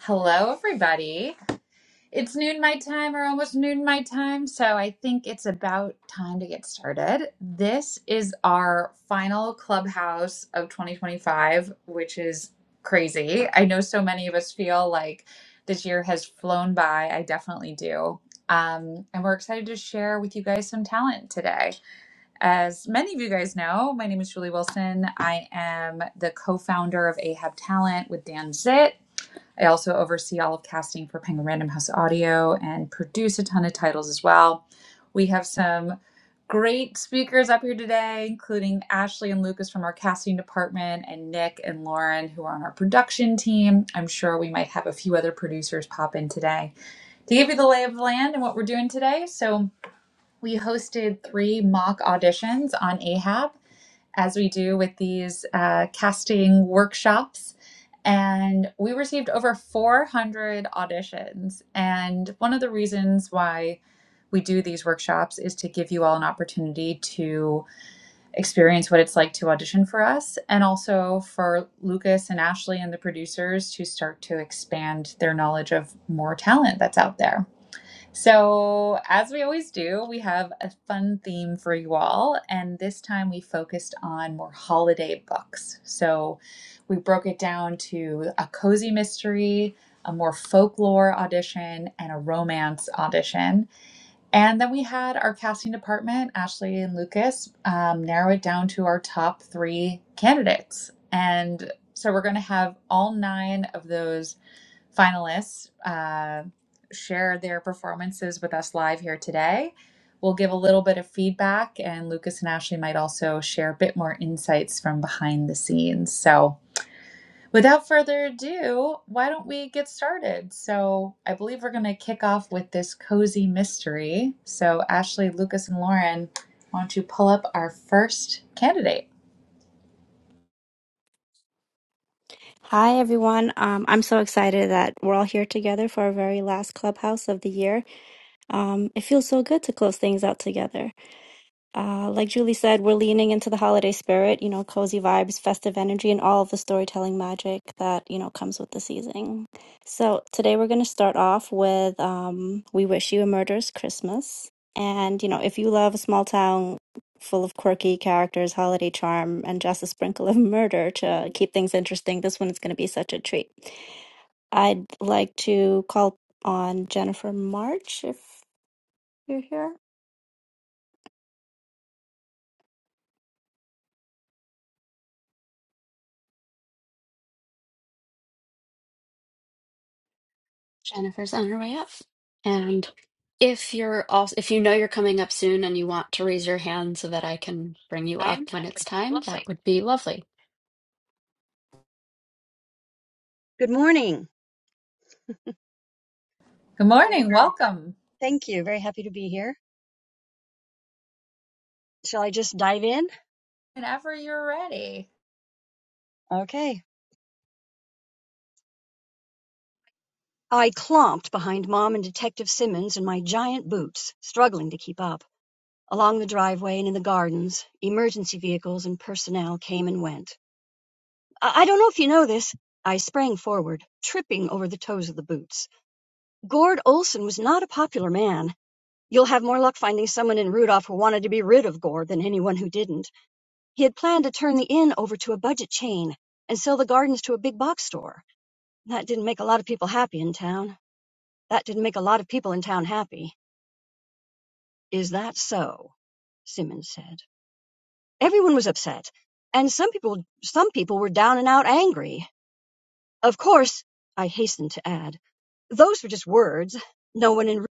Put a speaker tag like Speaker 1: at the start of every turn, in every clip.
Speaker 1: Hello, everybody. It's noon my time, or almost noon my time, so I think it's about time to get started. This is our final clubhouse of 2025, which is crazy. I know so many of us feel like this year has flown by. I definitely do. Um, and we're excited to share with you guys some talent today. As many of you guys know, my name is Julie Wilson. I am the co founder of Ahab Talent with Dan Zit. I also oversee all of casting for Penguin Random House Audio and produce a ton of titles as well. We have some great speakers up here today, including Ashley and Lucas from our casting department, and Nick and Lauren, who are on our production team. I'm sure we might have a few other producers pop in today to give you the lay of the land and what we're doing today. So, we hosted three mock auditions on AHAB as we do with these uh, casting workshops. And we received over 400 auditions. And one of the reasons why we do these workshops is to give you all an opportunity to experience what it's like to audition for us, and also for Lucas and Ashley and the producers to start to expand their knowledge of more talent that's out there. So, as we always do, we have a fun theme for you all, and this time we focused on more holiday books. So, we broke it down to a cozy mystery, a more folklore audition, and a romance audition. And then we had our casting department, Ashley and Lucas, um, narrow it down to our top three candidates. And so, we're going to have all nine of those finalists uh, share their performances with us live here today. We'll give a little bit of feedback, and Lucas and Ashley might also share a bit more insights from behind the scenes. So, without further ado, why don't we get started? So, I believe we're going to kick off with this cozy mystery. So, Ashley, Lucas, and Lauren, why don't you pull up our first candidate?
Speaker 2: Hi, everyone. Um, I'm so excited that we're all here together for our very last clubhouse of the year. Um, it feels so good to close things out together. Uh, like Julie said, we're leaning into the holiday spirit, you know, cozy vibes, festive energy, and all of the storytelling magic that, you know, comes with the season. So today we're going to start off with um, We Wish You a Murderous Christmas. And, you know, if you love a small town full of quirky characters, holiday charm, and just a sprinkle of murder to keep things interesting, this one is going to be such a treat. I'd like to call on Jennifer March if you're here.
Speaker 3: Jennifer's on her way up. And if you're also if you know you're coming up soon and you want to raise your hand so that I can bring you up when it's time, that would be lovely.
Speaker 4: Good morning.
Speaker 1: Good
Speaker 4: I'm very,
Speaker 1: morning.
Speaker 4: very,
Speaker 1: Welcome.
Speaker 4: thank you. Very happy to be here. Shall I just dive in?
Speaker 1: Whenever you're ready.
Speaker 4: Okay. I clomped behind Mom and Detective Simmons in my giant boots, struggling to keep up. Along the driveway and in the gardens, emergency vehicles and personnel came and went. I, I don't know if you know this. I sprang forward, tripping over the toes of the boots. Gord Olson was not a popular man. You'll have more luck finding someone in Rudolph who wanted to be rid of Gord than anyone who didn't. He had planned to turn the inn over to a budget chain and sell the gardens to a big box store. That didn't make a lot of people happy in town. That didn't make a lot of people in town happy. Is that so? Simmons said. Everyone was upset, and some people some people were down and out angry. Of course, I hastened to add, those were just words. No one in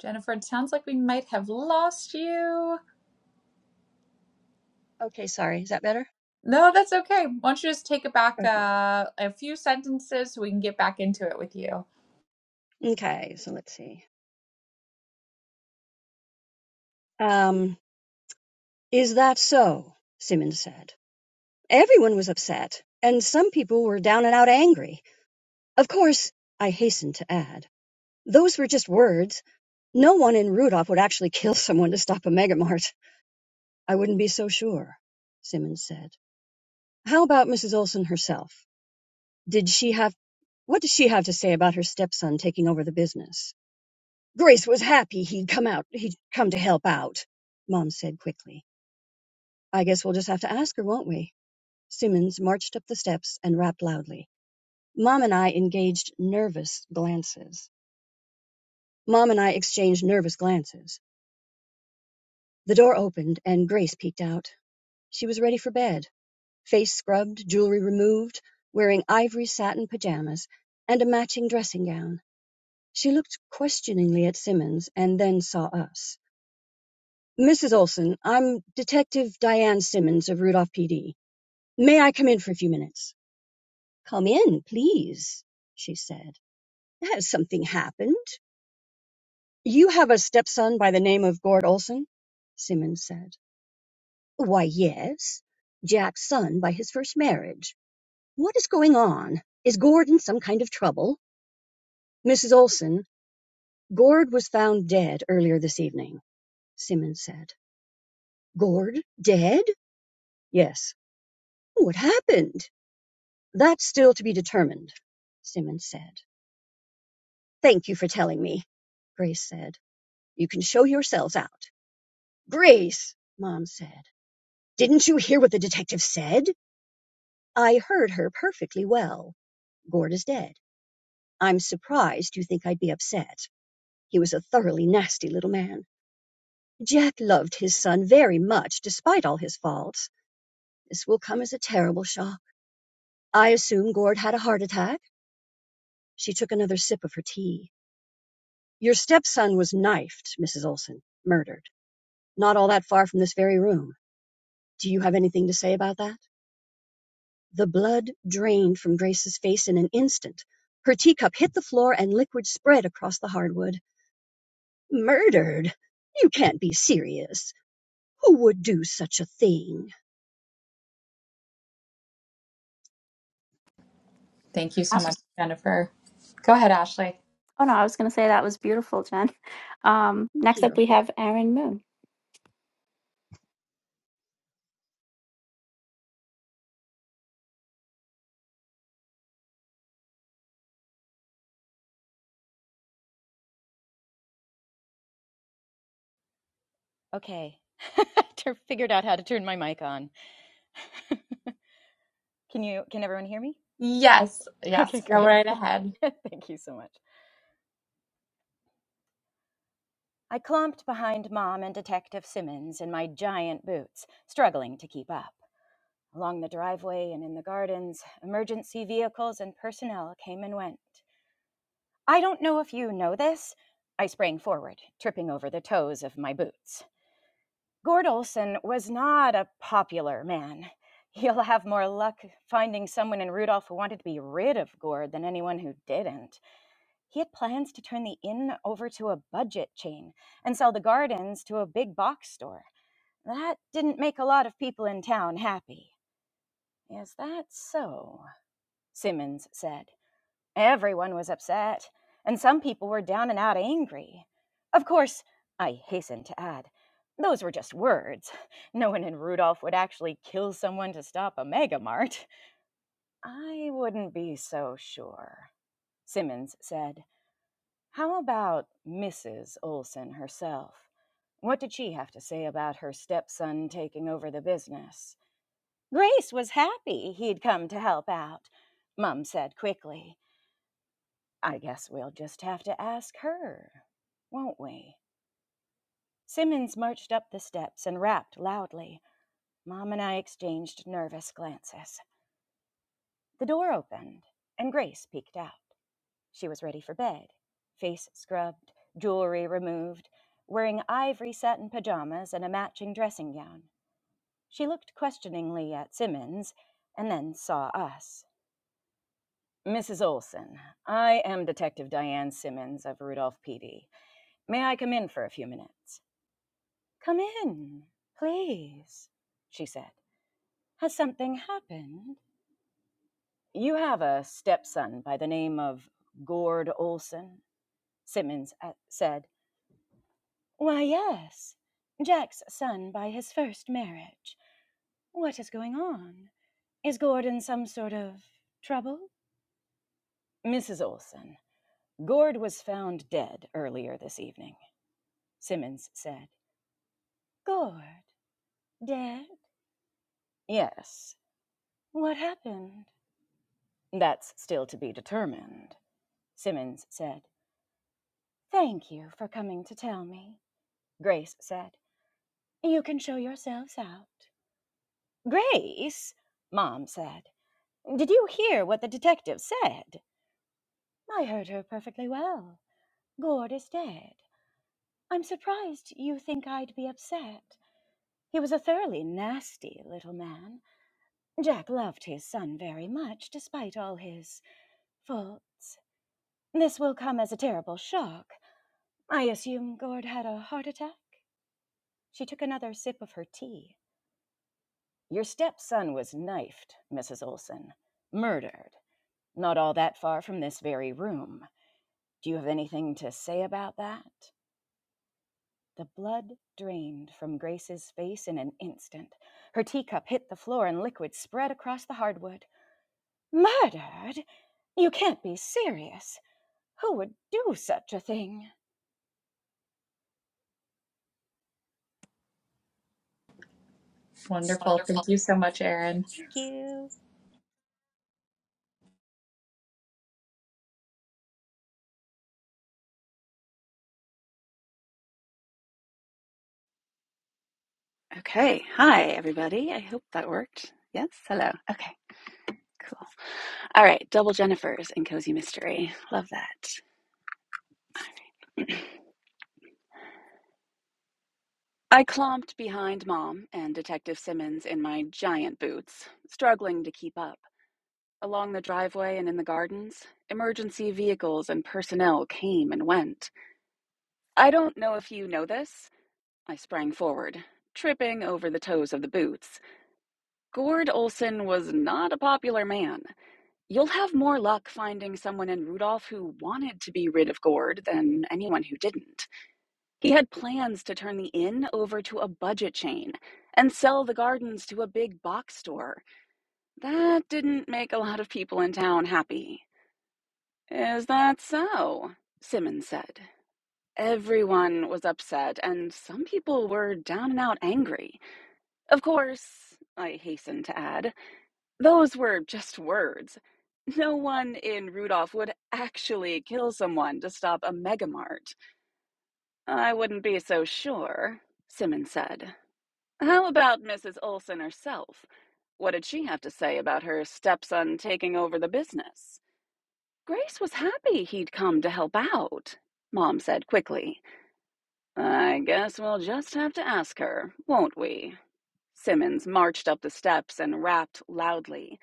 Speaker 1: Jennifer, it sounds like we might have lost you.
Speaker 4: Okay, sorry. Is that better?
Speaker 1: No, that's okay. Why don't you just take it back
Speaker 4: Okay.
Speaker 1: uh, a few sentences so we can get back into it with you?
Speaker 4: Okay, so let's see. Um, is that so? Simmons said. Everyone was upset, and some people were down and out angry. Of course, I hastened to add, those were just words. No one in Rudolph would actually kill someone to stop a megamart. I wouldn't be so sure, Simmons said. How about Mrs. Olson herself? Did she have what did she have to say about her stepson taking over the business? Grace was happy he'd come out he'd come to help out, Mom said quickly. I guess we'll just have to ask her, won't we? Simmons marched up the steps and rapped loudly. Mom and I engaged nervous glances. Mom and I exchanged nervous glances. The door opened and Grace peeked out. She was ready for bed, face scrubbed, jewelry removed, wearing ivory satin pajamas and a matching dressing gown. She looked questioningly at Simmons and then saw us. Mrs. Olson, I'm Detective Diane Simmons of Rudolph PD. May I come in for a few minutes? Come in, please, she said. Has something happened? "You have a stepson by the name of Gord Olson?" Simmons said. "Why, yes. Jack's son by his first marriage. What is going on? Is Gord in some kind of trouble? Mrs. Olson, Gord was found dead earlier this evening," Simmons said. "Gord dead?" "Yes." "What happened?" "That's still to be determined," Simmons said. "Thank you for telling me," Grace said. "You can show yourselves out." "Grace!" Mom said. "Didn't you hear what the detective said? I heard her perfectly well. Gord is dead. I'm surprised you think I'd be upset. He was a thoroughly nasty little man. Jack loved his son very much, despite all his faults. This will come as a terrible shock. I assume Gord had a heart attack. She took another sip of her tea. Your stepson was knifed, Mrs. Olson, murdered, not all that far from this very room. Do you have anything to say about that? The blood drained from Grace's face in an instant. Her teacup hit the floor and liquid spread across the hardwood. Murdered? You can't be serious. Who would do such a thing?
Speaker 1: Thank you so much, Jennifer. Go ahead, Ashley.
Speaker 2: Oh no, I was going to say that was beautiful, Jen. Um,
Speaker 4: Thank
Speaker 2: next
Speaker 4: you.
Speaker 2: up, we have Aaron Moon.
Speaker 5: Okay. Tur- Figured out how to turn my mic on. Can you can everyone hear me?
Speaker 1: Yes,
Speaker 5: Okay,
Speaker 1: yes, go
Speaker 5: great.
Speaker 1: right ahead.
Speaker 5: Thank you so much. I clumped behind Mom and Detective Simmons in my giant boots, struggling to keep up. Along the driveway and in the gardens, emergency vehicles and personnel came and went. I don't know if you know this. I sprang forward, tripping over the toes of my boots. Gord Olson was not a popular man. You'll have more luck finding someone in Rudolph who wanted to be rid of Gord than anyone who didn't. He had plans to turn the inn over to a budget chain and sell the gardens to a big box store. That didn't make a lot of people in town happy. Is that so? Simmons said. Everyone was upset, and some people were down and out angry. Of course, I hastened to add, those were just words. No one in Rudolph would actually kill someone to stop a megamart. I wouldn't be so sure. Simmons said, How about Mrs. Olson herself? What did she have to say about her stepson taking over the business? Grace was happy he'd come to help out, Mum said quickly. I guess we'll just have to ask her, won't we? Simmons marched up the steps and rapped loudly. Mom and I exchanged nervous glances. The door opened, and Grace peeked out. She was ready for bed, face scrubbed, jewelry removed, wearing ivory satin pajamas and a matching dressing gown. She looked questioningly at Simmons and then saw us. Mrs. Olson, I am Detective Diane Simmons of Rudolph PD. May I come in for a few minutes? Come in, please, she said. Has something happened? You have a stepson by the name of Gord Olson, Simmons uh, said. Why, yes, Jack's son by his first marriage. What is going on? Is Gord in some sort of trouble? Mrs. Olson, Gord was found dead earlier this evening, Simmons said. Gord, dead? Yes. What happened? That's still to be determined. Simmons said, Thank you for coming to tell me. Grace said, You can show yourselves out. Grace, Mom said, Did you hear what the detective said? I heard her perfectly well. Gord is dead. I'm surprised you think I'd be upset. He was a thoroughly nasty little man. Jack loved his son very much, despite all his faults. This will come as a terrible shock. I assume Gord had a heart attack? She took another sip of her tea. Your stepson was knifed, Mrs. Olson. Murdered. Not all that far from this very room. Do you have anything to say about that? The blood drained from Grace's face in an instant. Her teacup hit the floor and liquid spread across the hardwood. Murdered? You can't be serious. Who would do such a thing?
Speaker 1: Wonderful. Thank you so much, Erin.
Speaker 5: Thank you.
Speaker 6: Okay. Hi, everybody. I hope that worked. Yes. Hello. Okay. Cool. All right. Double Jennifers and Cozy Mystery. Love that. I clomped behind Mom and Detective Simmons in my giant boots, struggling to keep up. Along the driveway and in the gardens, emergency vehicles and personnel came and went. I don't know if you know this. I sprang forward, tripping over the toes of the boots. Gord Olson was not a popular man. You'll have more luck finding someone in Rudolph who wanted to be rid of Gord than anyone who didn't. He had plans to turn the inn over to a budget chain and sell the gardens to a big box store. That didn't make a lot of people in town happy. Is that so? Simmons said. Everyone was upset, and some people were down and out angry. Of course, I hastened to add, Those were just words. No one in Rudolph would actually kill someone to stop a megamart. I wouldn't be so sure, Simmons said. How about Mrs. Olson herself? What did she have to say about her stepson taking over the business? Grace was happy he'd come to help out, Mom said quickly. I guess we'll just have to ask her, won't we? Simmons marched up the steps and rapped loudly.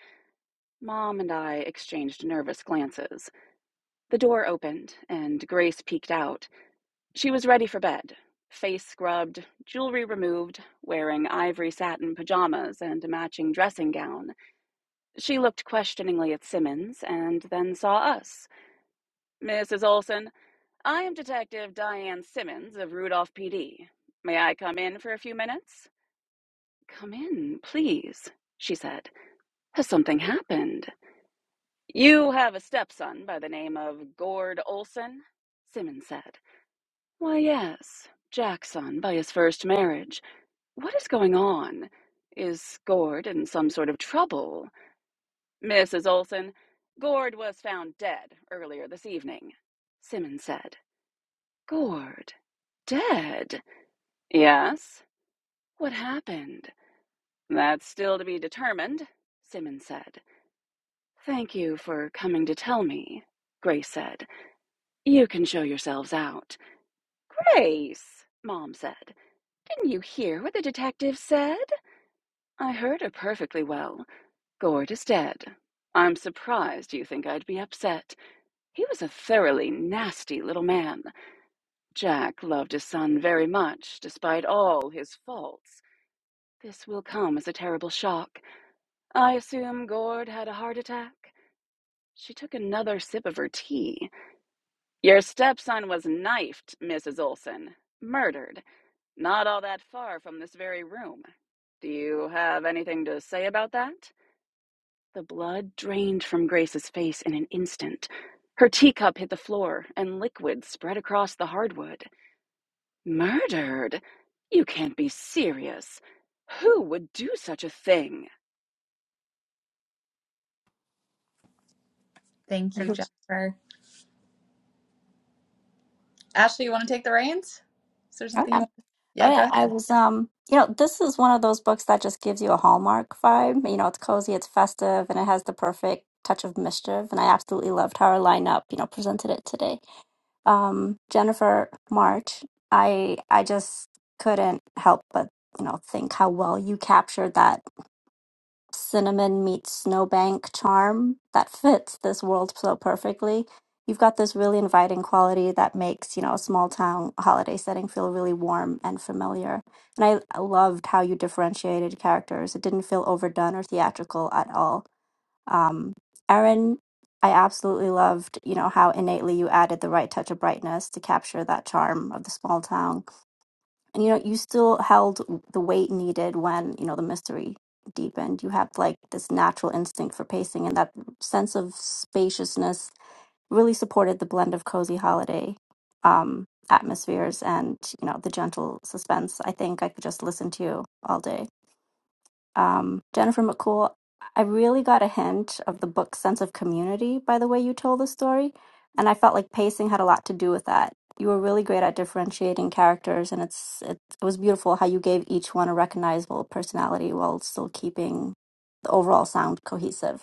Speaker 6: Mom and I exchanged nervous glances. The door opened, and Grace peeked out. She was ready for bed, face scrubbed, jewelry removed, wearing ivory satin pajamas and a matching dressing gown. She looked questioningly at Simmons and then saw us. Mrs. Olson, I am Detective Diane Simmons of Rudolph PD. May I come in for a few minutes? Come in, please, she said. Has something happened? You have a stepson by the name of Gord Olson? Simmons said. Why, yes, Jackson by his first marriage. What is going on? Is Gord in some sort of trouble? Mrs. Olson, Gord was found dead earlier this evening, Simmons said. Gord? Dead? Yes. What happened? That's still to be determined, Simmons said. Thank you for coming to tell me, Grace said. You can show yourselves out. Grace, Mom said. Didn't you hear what the detective said? I heard her perfectly well. Gord is dead. I'm surprised you think I'd be upset. He was a thoroughly nasty little man. Jack loved his son very much, despite all his faults. This will come as a terrible shock. I assume Gord had a heart attack. She took another sip of her tea. Your stepson was knifed, Mrs. Olson. Murdered. Not all that far from this very room. Do you have anything to say about that? The blood drained from Grace's face in an instant. Her teacup hit the floor, and liquid spread across the hardwood. Murdered? You can't be serious. Who would do such a thing?
Speaker 1: Thank you,
Speaker 2: Mhm.
Speaker 1: Jennifer. Ashley, you want to take the reins? Is there
Speaker 2: Oh
Speaker 1: something you
Speaker 2: yeah,
Speaker 1: want?
Speaker 2: oh
Speaker 1: Yeah, go
Speaker 2: yeah.
Speaker 1: ahead.
Speaker 2: I was, um, you know, this is one of those books that just gives you a Hallmark vibe. You know, it's cozy, it's festive, and it has the perfect touch of mischief. And I absolutely loved how our lineup, you know, presented it today. Um, Jennifer March, I, I just couldn't help but you know think how well you captured that cinnamon meets snowbank charm that fits this world so perfectly. You've got this really inviting quality that makes, you know, a small town holiday setting feel really warm and familiar. And I I loved how you differentiated characters. It didn't feel overdone or theatrical at all. Um, Erin, I absolutely loved, you know, how innately you added the right touch of brightness to capture that charm of the small town and you know, you still held the weight needed when, you know, the mystery deepened. You had like this natural instinct for pacing, and that sense of spaciousness really supported the blend of cozy holiday um, atmospheres and, you know, the gentle suspense. I think I could just listen to you all day. Um, Jennifer McCool, I really got a hint of the book's sense of community by the way you told the story, and I felt like pacing had a lot to do with that. You were really great at differentiating characters, and it's it, it was beautiful how you gave each one a recognizable personality while still keeping the overall sound cohesive.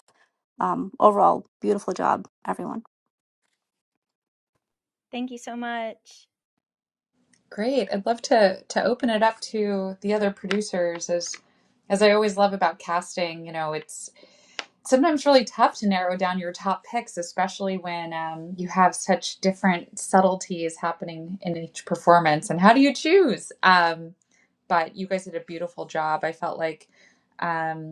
Speaker 2: Um, overall, beautiful job, everyone.
Speaker 5: Thank you so much.
Speaker 1: Great. I'd love to to open it up to the other producers as as I always love about casting, you know, it's sometimes really tough to narrow down your top picks, especially when um, you have such different subtleties happening in each performance. And how do you choose? Um, but you guys did a beautiful job. I felt like. Um,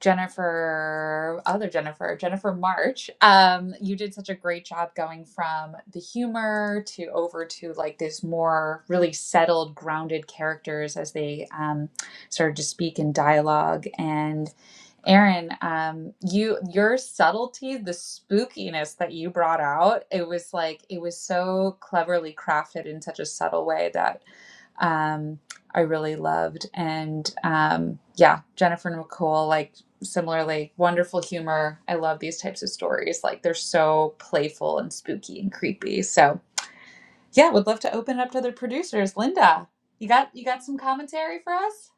Speaker 1: Jennifer, other Jennifer, Jennifer March, um, you did such a great job going from the humor to over to like this more really settled, grounded characters as they um, started to speak in dialogue. And Aaron, um, you your subtlety, the spookiness that you brought out, it was like it was so cleverly crafted in such a subtle way that um, I really loved. And um, yeah, Jennifer Nicole, like similarly, wonderful humor. I love these types of stories. Like they're so playful and spooky and creepy. So yeah, would love to open it up to the producers. Linda, you got you got some commentary for us?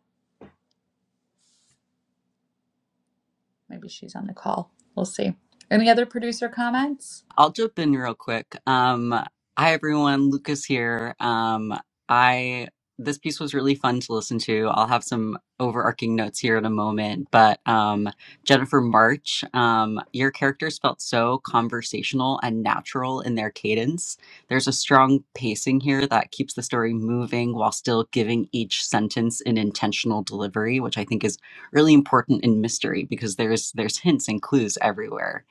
Speaker 1: Maybe she's on the call. We'll see. Any other producer comments?
Speaker 7: I'll jump in real quick. Um, hi everyone, Lucas here. Um, I this piece was really fun to listen to. I'll have some overarching notes here in a moment, but um, Jennifer March, um, your characters felt so conversational and natural in their cadence. There's a strong pacing here that keeps the story moving while still giving each sentence an intentional delivery, which I think is really important in mystery because there's there's hints and clues everywhere.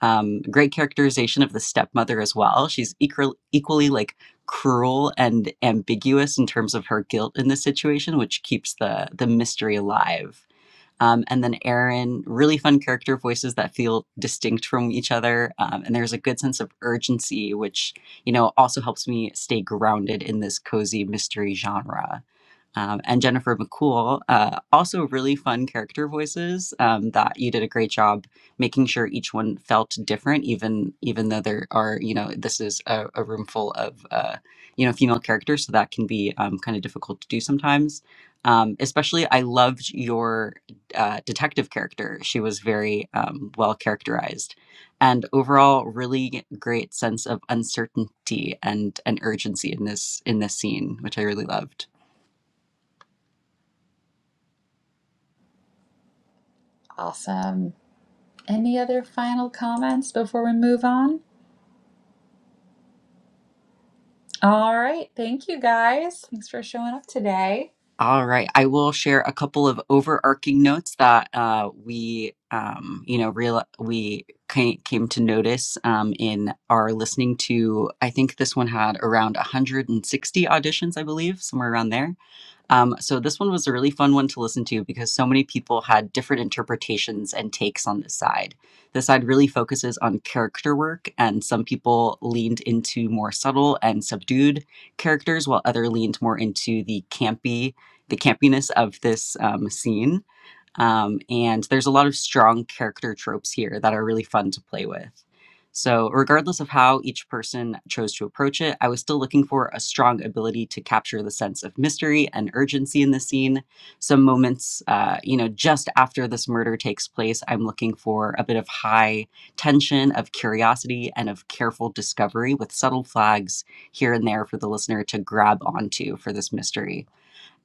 Speaker 7: Um, great characterization of the stepmother as well. She's equal, equally like cruel and ambiguous in terms of her guilt in this situation, which keeps the the mystery alive. Um, and then Aaron, really fun character voices that feel distinct from each other, um, and there's a good sense of urgency, which you know also helps me stay grounded in this cozy mystery genre um, and Jennifer McCool, uh, also really fun character voices um, that you did a great job making sure each one felt different, even even though there are you know this is a, a room full of uh, you know female characters, so that can be um, kind of difficult to do sometimes. Um, especially, I loved your uh, detective character. She was very um, well characterized, and overall, really great sense of uncertainty and and urgency in this in this scene, which I really loved.
Speaker 1: Awesome. Any other final comments before we move on? All right. Thank you guys. Thanks for showing up today.
Speaker 7: All right. I will share a couple of overarching notes that uh, we, um, you know, real we ca- came to notice um, in our listening to. I think this one had around 160 auditions, I believe, somewhere around there. Um, so this one was a really fun one to listen to because so many people had different interpretations and takes on this side. This side really focuses on character work, and some people leaned into more subtle and subdued characters, while other leaned more into the campy, the campiness of this um, scene. Um, and there's a lot of strong character tropes here that are really fun to play with. So, regardless of how each person chose to approach it, I was still looking for a strong ability to capture the sense of mystery and urgency in the scene. Some moments, uh, you know, just after this murder takes place, I'm looking for a bit of high tension, of curiosity, and of careful discovery with subtle flags here and there for the listener to grab onto for this mystery.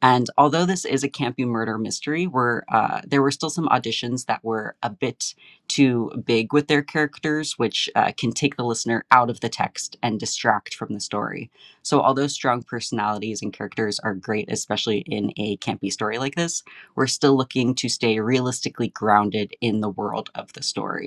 Speaker 7: And although this is a campy murder mystery, where uh, there were still some auditions that were a bit too big with their characters, which uh, can take the listener out of the text and distract from the story. So, although strong personalities and characters are great, especially in a campy story like this, we're still looking to stay realistically grounded in the world of the story.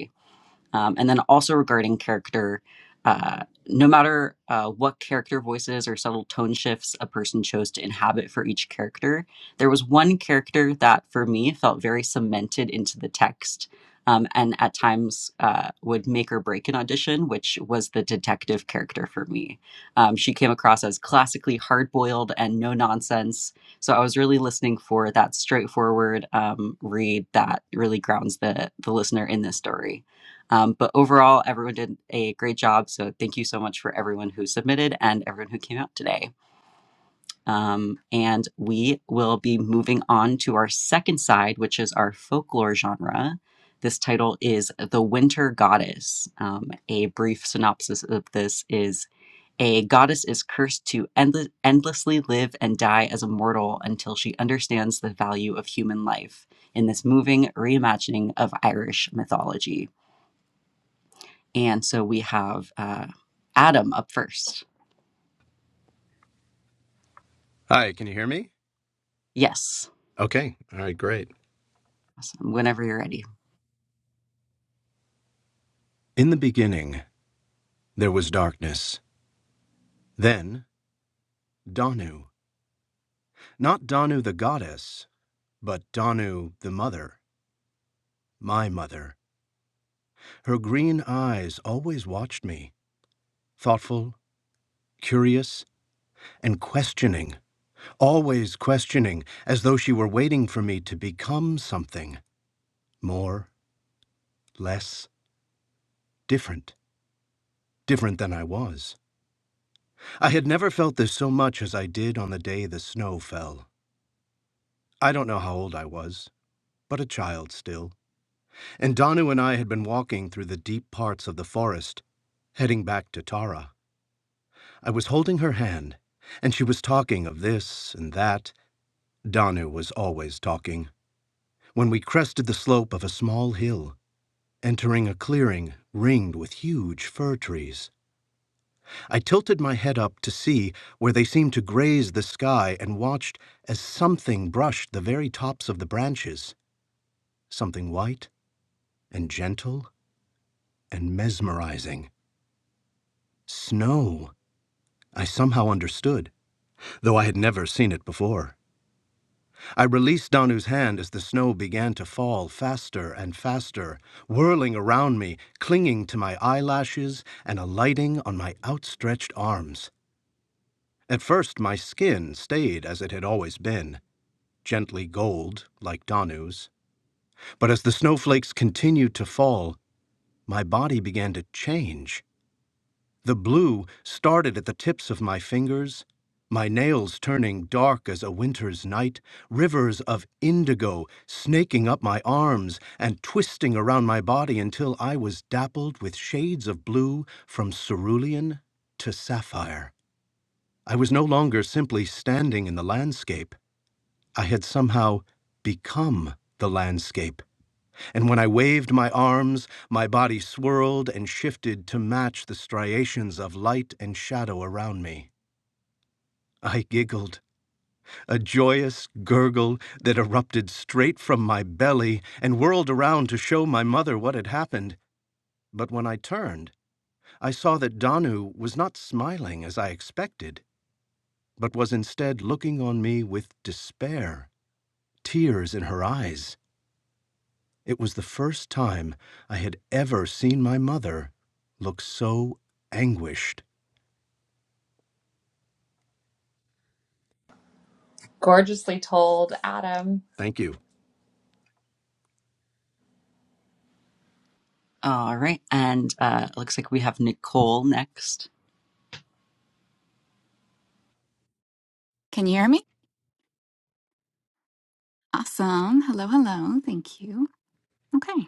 Speaker 7: Um, and then also regarding character, uh, no matter uh, what character voices or subtle tone shifts a person chose to inhabit for each character, there was one character that for me felt very cemented into the text. Um, and at times uh, would make or break an audition, which was the detective character for me. Um, she came across as classically hard boiled and no nonsense. So I was really listening for that straightforward um, read that really grounds the, the listener in this story. Um, but overall, everyone did a great job. So thank you so much for everyone who submitted and everyone who came out today. Um, and we will be moving on to our second side, which is our folklore genre. This title is The Winter Goddess. Um, a brief synopsis of this is a goddess is cursed to endle- endlessly live and die as a mortal until she understands the value of human life in this moving reimagining of Irish mythology. And so we have uh, Adam up first.
Speaker 8: Hi, can you hear me?
Speaker 7: Yes.
Speaker 8: Okay, all right, great.
Speaker 7: Awesome. Whenever you're ready.
Speaker 8: In the beginning, there was darkness. Then, Danu. Not Danu the goddess, but Danu the mother, my mother. Her green eyes always watched me, thoughtful, curious, and questioning, always questioning, as though she were waiting for me to become something more, less, different, different than I was. I had never felt this so much as I did on the day the snow fell. I don't know how old I was, but a child still, and Danu and I had been walking through the deep parts of the forest, heading back to Tara. I was holding her hand, and she was talking of this and that. Danu was always talking. When we crested the slope of a small hill, entering a clearing ringed with huge fir trees, I tilted my head up to see where they seemed to graze the sky and watched as something brushed the very tops of the branches, something white and gentle and mesmerizing. Snow, I somehow understood, though I had never seen it before. I released Danu's hand as the snow began to fall faster and faster, whirling around me, clinging to my eyelashes and alighting on my outstretched arms. At first, my skin stayed as it had always been, gently gold, like Danu's. But as the snowflakes continued to fall, my body began to change. The blue started at the tips of my fingers, my nails turning dark as a winter's night, rivers of indigo snaking up my arms and twisting around my body until I was dappled with shades of blue from cerulean to sapphire. I was no longer simply standing in the landscape. I had somehow become the landscape and when I waved my arms, my body swirled and shifted to match the striations of light and shadow around me. I giggled, a joyous gurgle that erupted straight from my belly and whirled around to show my mother what had happened. But when I turned, I saw that Danu was not smiling as I expected, but was instead looking on me with despair, tears in her eyes. It was the first time I had ever seen my mother look so anguished.
Speaker 1: Gorgeously told, Adam.
Speaker 8: Thank you.
Speaker 7: All right. And uh, it looks like we have Nicole next.
Speaker 9: Can you hear me? Awesome. Hello, hello. Thank you. Okay.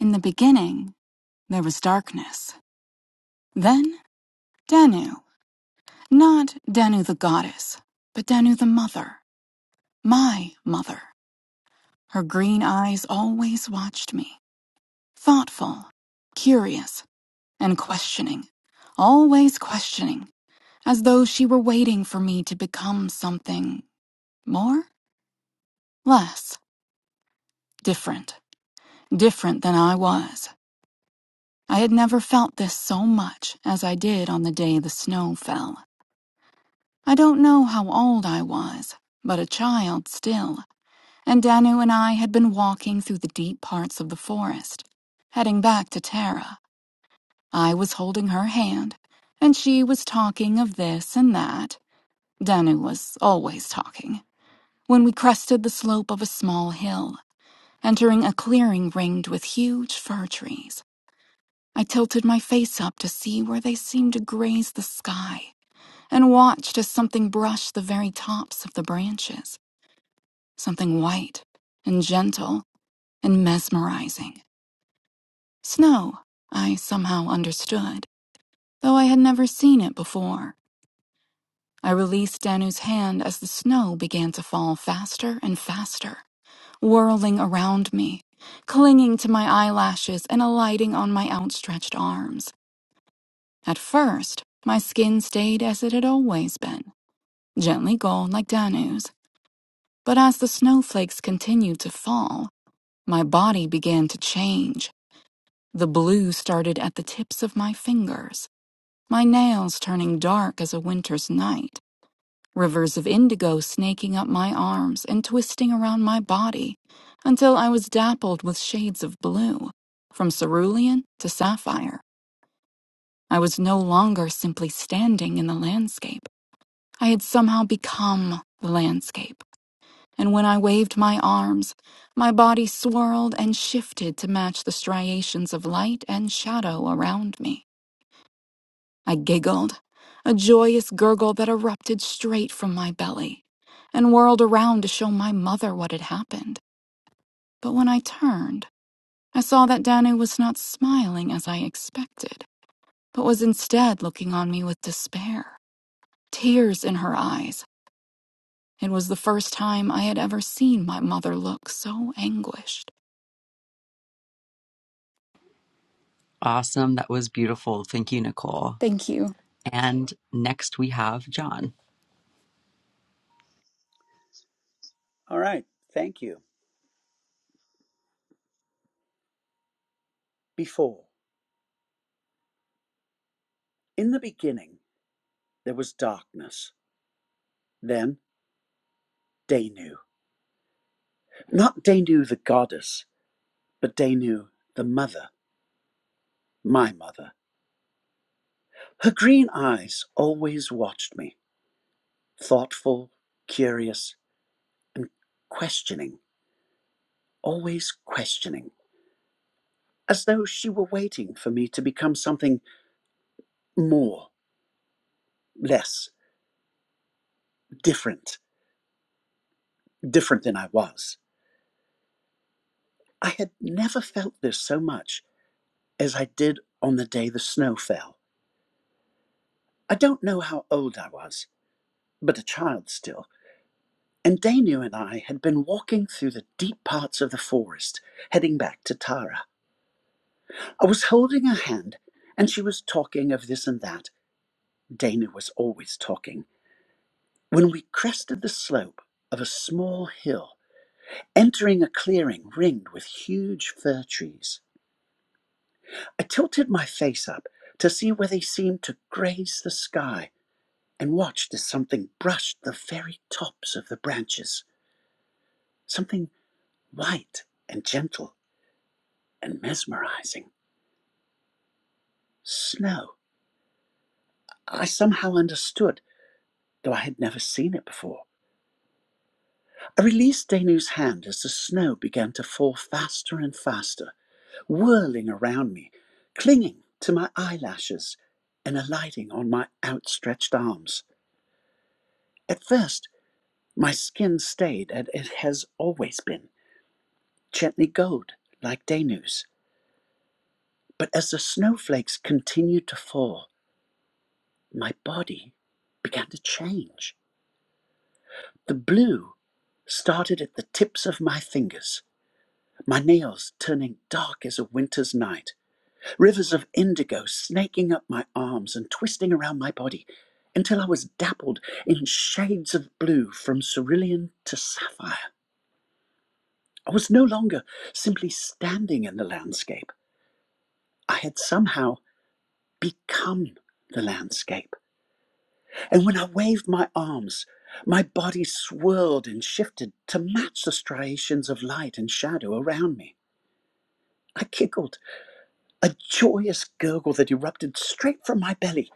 Speaker 9: In the beginning, there was darkness. Then Danu. Not Danu the goddess, but Danu the mother. My mother. Her green eyes always watched me. Thoughtful, curious, and questioning. Always questioning. As though she were waiting for me to become something more? Less. Different. Different than I was. I had never felt this so much as I did on the day the snow fell. I don't know how old I was, but a child still, and Danu and I had been walking through the deep parts of the forest, heading back to Tara. I was holding her hand, and she was talking of this and that. Danu was always talking. When we crested the slope of a small hill, entering a clearing ringed with huge fir trees. I tilted my face up to see where they seemed to graze the sky, and watched as something brushed the very tops of the branches, something white and gentle and mesmerizing. Snow, I somehow understood, though I had never seen it before. I released Danu's hand as the snow began to fall faster and faster, whirling around me, clinging to my eyelashes and alighting on my outstretched arms. At first, my skin stayed as it had always been, gently gold like Danu's. But as the snowflakes continued to fall, my body began to change. The blue started at the tips of my fingers, my nails turning dark as a winter's night, rivers of indigo snaking up my arms and twisting around my body, until I was dappled with shades of blue, from cerulean to sapphire. I was no longer simply standing in the landscape. I had somehow become the landscape, and when I waved my arms, my body swirled and shifted to match the striations of light and shadow around me. I giggled, a joyous gurgle that erupted straight from my belly, and whirled around to show my mother what had happened. But when I turned, I saw that Danu was not smiling as I expected, but was instead looking on me with despair, tears in her eyes It was the first time I had ever seen my mother look so anguished.
Speaker 7: Awesome. That was beautiful. Thank you, Nicole.
Speaker 9: Thank you.
Speaker 7: And next we have John.
Speaker 10: All right, thank you. Before, in the beginning, there was darkness, then Danu. Not Danu the goddess, but Danu the mother, my mother. Her green eyes always watched me, thoughtful, curious, and questioning, always questioning, as though she were waiting for me to become something more, less, different, different than I was. I had never felt this so much as I did on the day the snow fell. I don't know how old I was, but a child still, and Danu and I had been walking through the deep parts of the forest, heading back to Tara. I was holding her hand, and she was talking of this and that. Danu was always talking. When we crested the slope of a small hill, entering a clearing ringed with huge fir trees, I tilted my face up to see where they seemed to graze the sky and watched as something brushed the very tops of the branches, something white and gentle and mesmerizing. Snow. I somehow understood, though I had never seen it before. I released Danu's hand as the snow began to fall faster and faster, whirling around me, clinging to my eyelashes and alighting on my outstretched arms. At first, my skin stayed as it has always been, gently gold like Danu's. But as the snowflakes continued to fall, my body began to change. The blue started at the tips of my fingers, my nails turning dark as a winter's night, rivers of indigo snaking up my arms and twisting around my body until I was dappled in shades of blue from cerulean to sapphire. I was no longer simply standing in the landscape, I had somehow become the landscape. And when I waved my arms, my body swirled and shifted to match the striations of light and shadow around me. I giggled, a joyous gurgle that erupted straight from my belly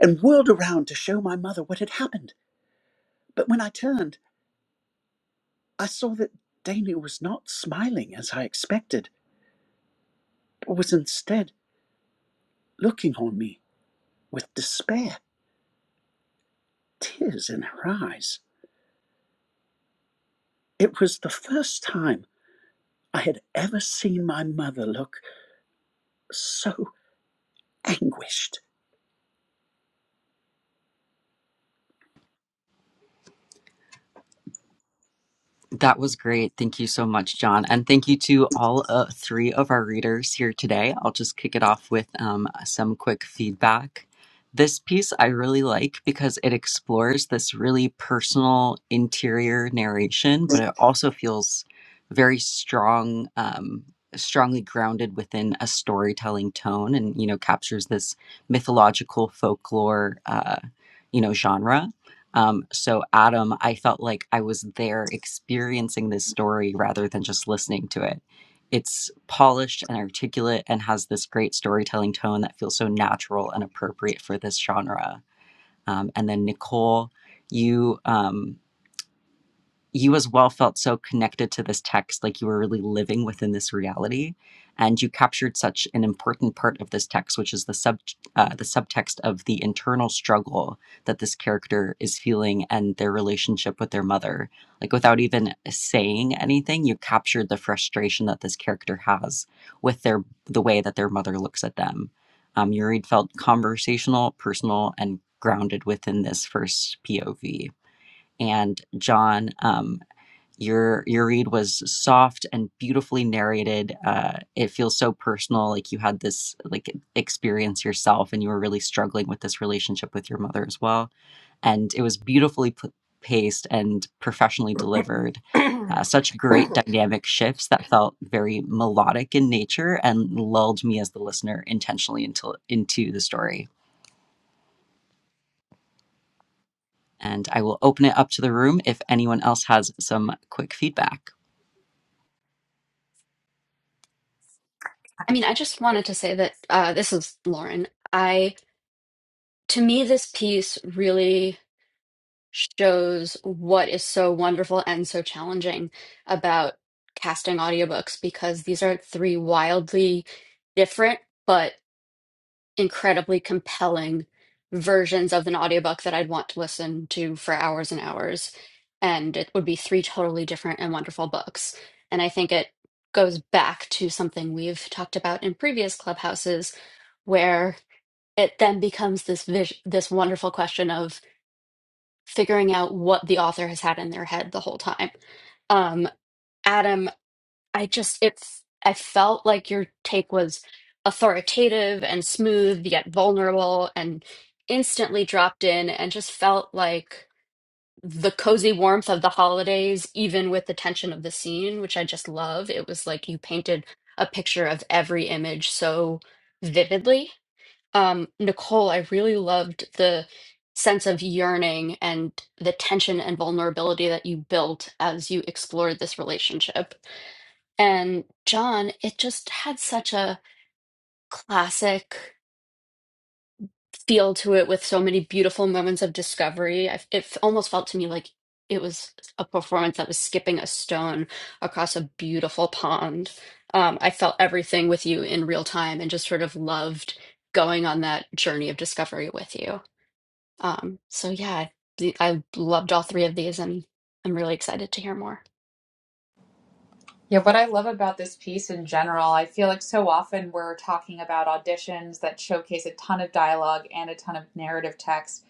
Speaker 10: and whirled around to show my mother what had happened. But when I turned, I saw that Daly was not smiling as I expected, but was instead looking on me with despair, tears in her eyes. It was the first time I had ever seen my mother look so anguished
Speaker 7: That was great. Thank you so much, John. And thank you to all uh, three of our readers here today. I'll just kick it off with um, some quick feedback. This piece I really like because it explores this really personal interior narration, but it also feels very strong, um, strongly grounded within a storytelling tone and, you know, captures this mythological folklore, uh, you know, genre. Um, so Adam, I felt like I was there experiencing this story rather than just listening to it. It's polished and articulate and has this great storytelling tone that feels so natural and appropriate for this genre. Um, and then Nicole, you um, you as well felt so connected to this text, like you were really living within this reality, and you captured such an important part of this text, which is the sub uh, the subtext of the internal struggle that this character is feeling and their relationship with their mother. Like without even saying anything, you captured the frustration that this character has with their the way that their mother looks at them. Um, your read felt conversational, personal, and grounded within this first POV and John. Um, your your read was soft and beautifully narrated uh it feels so personal like you had this like experience yourself and you were really struggling with this relationship with your mother as well and it was beautifully p- paced and professionally delivered uh, such great dynamic shifts that felt very melodic in nature and lulled me as the listener intentionally into into the story and i will open it up to the room if anyone else has some quick feedback
Speaker 3: I mean, I just wanted to say that uh, this is Lauren. I to me this piece really shows what is so wonderful and so challenging about casting audiobooks because these are three wildly different but incredibly compelling versions of an audiobook that I'd want to listen to for hours and hours. And it would be three totally different and wonderful books. And I think it goes back to something we've talked about in previous clubhouses, where it then becomes this vis- this wonderful question of figuring out what the author has had in their head the whole time. Um, Adam I just it f- I felt like your take was authoritative and smooth yet vulnerable and instantly dropped in and just felt like the cozy warmth of the holidays even with the tension of the scene which I just love. It was like you painted a picture of every image so vividly. Um Nicole, I really loved the sense of yearning and the tension and vulnerability that you built as you explored this relationship and John, it just had such a classic feel to it with so many beautiful moments of discovery. I, it f- almost felt to me like it was a performance that was skipping a stone across a beautiful pond. Um, I felt everything with you in real time and just sort of loved going on that journey of discovery with you. Um, so, yeah, I, I loved all three of these and I'm really excited to hear more.
Speaker 1: Yeah, what I love about this piece in general, I feel like so often we're talking about auditions that showcase a ton of dialogue and a ton of narrative text,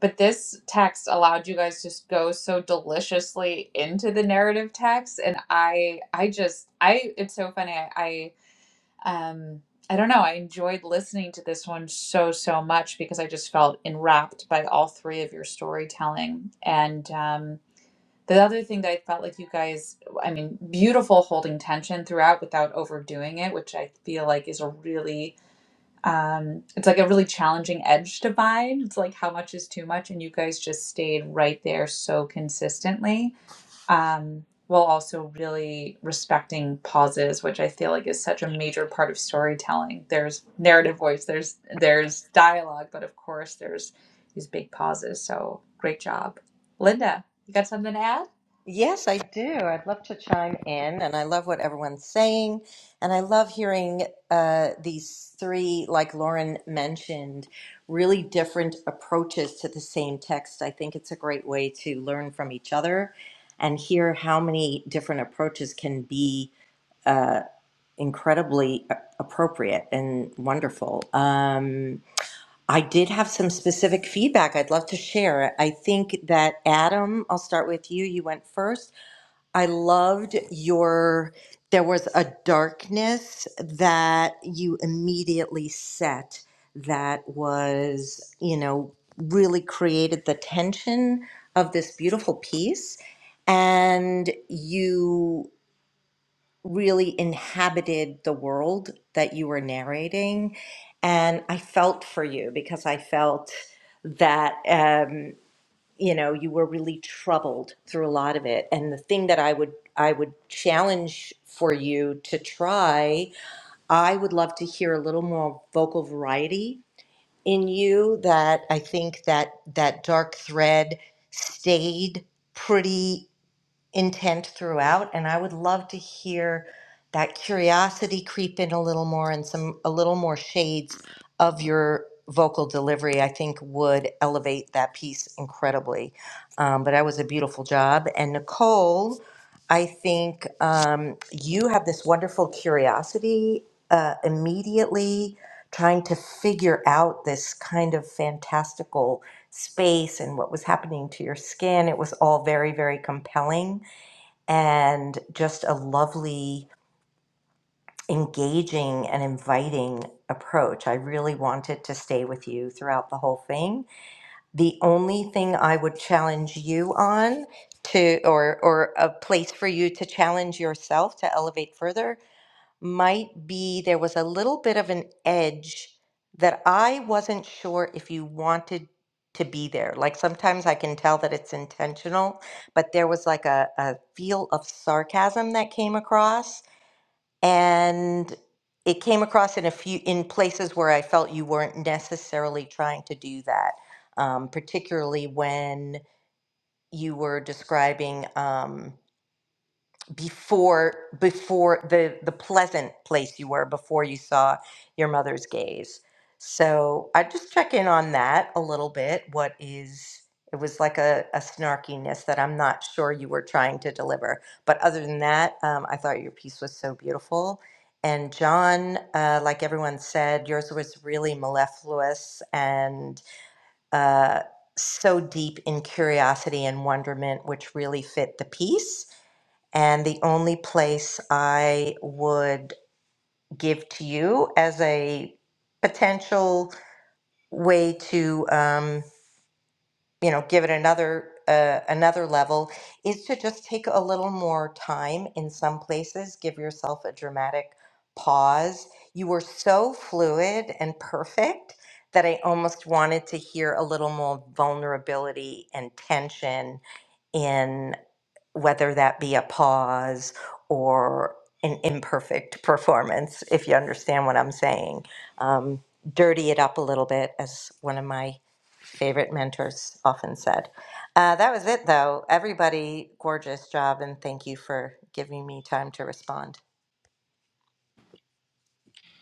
Speaker 1: but this text allowed you guys just go so deliciously into the narrative text, and I, I just, I, it's so funny. I, I um, I don't know. I enjoyed listening to this one so so much because I just felt enwrapped by all three of your storytelling, and um, The other thing that I felt like you guys, I mean, beautiful holding tension throughout without overdoing it, which I feel like is a really, um, it's like a really challenging edge to find. It's like how much is too much, and you guys just stayed right there so consistently, um, while also really respecting pauses, which I feel like is such a major part of storytelling. There's narrative voice, there's there's dialogue, but of course there's these big pauses. So great job, Linda. You got something to add?
Speaker 11: Yes, I do. I'd love to chime in, and I love what everyone's saying. And I love hearing uh, these three, like Lauren mentioned, really different approaches to the same text. I think it's a great way to learn from each other and hear how many different approaches can be uh, incredibly a- appropriate and wonderful. Um, I did have some specific feedback I'd love to share. I think that Adam, I'll start with you. You went first I loved your, there was a darkness that you immediately set that was, you know, really created the tension of this beautiful piece. And you really inhabited the world that you were narrating. And I felt for you because I felt that. um, you know you were really troubled through a lot of it and the thing that i would i would challenge for you to try i would love to hear a little more vocal variety in you that i think that that dark thread stayed pretty intent throughout and i would love to hear that curiosity creep in a little more and some a little more shades of your vocal delivery i think would elevate that piece incredibly um, but that was a beautiful job and nicole i think um, you have this wonderful curiosity uh, immediately trying to figure out this kind of fantastical space and what was happening to your skin it was all very very compelling and just a lovely, engaging, and inviting approach. I really wanted to stay with you throughout the whole thing. The only thing I would challenge you on to, or, or a place for you to challenge yourself to elevate further, might be there was a little bit of an edge that I wasn't sure if you wanted to be there. Like sometimes I can tell that it's intentional, but there was like a, a feel of sarcasm that came across. And it came across in a few in places where I felt you weren't necessarily trying to do that, um, particularly when you were describing. Um, before before the the pleasant place you were before you saw your mother's gaze so i just check in on that a little bit what is it was like a, a snarkiness that i'm not sure you were trying to deliver but other than that um, i thought your piece was so beautiful and john uh, like everyone said yours was really mellifluous and uh, so deep in curiosity and wonderment which really fit the piece and the only place I would give to you as a potential way to, um, you know, give it another uh, another level is to just take a little more time in some places. Give yourself a dramatic pause. You were so fluid and perfect that I almost wanted to hear a little more vulnerability and tension whether that be a pause or an imperfect performance, if you understand what I'm saying. Um, dirty it up a little bit, as one of my favorite mentors often said. Uh, that was it, though. Everybody, gorgeous job, and thank you for giving me time to respond.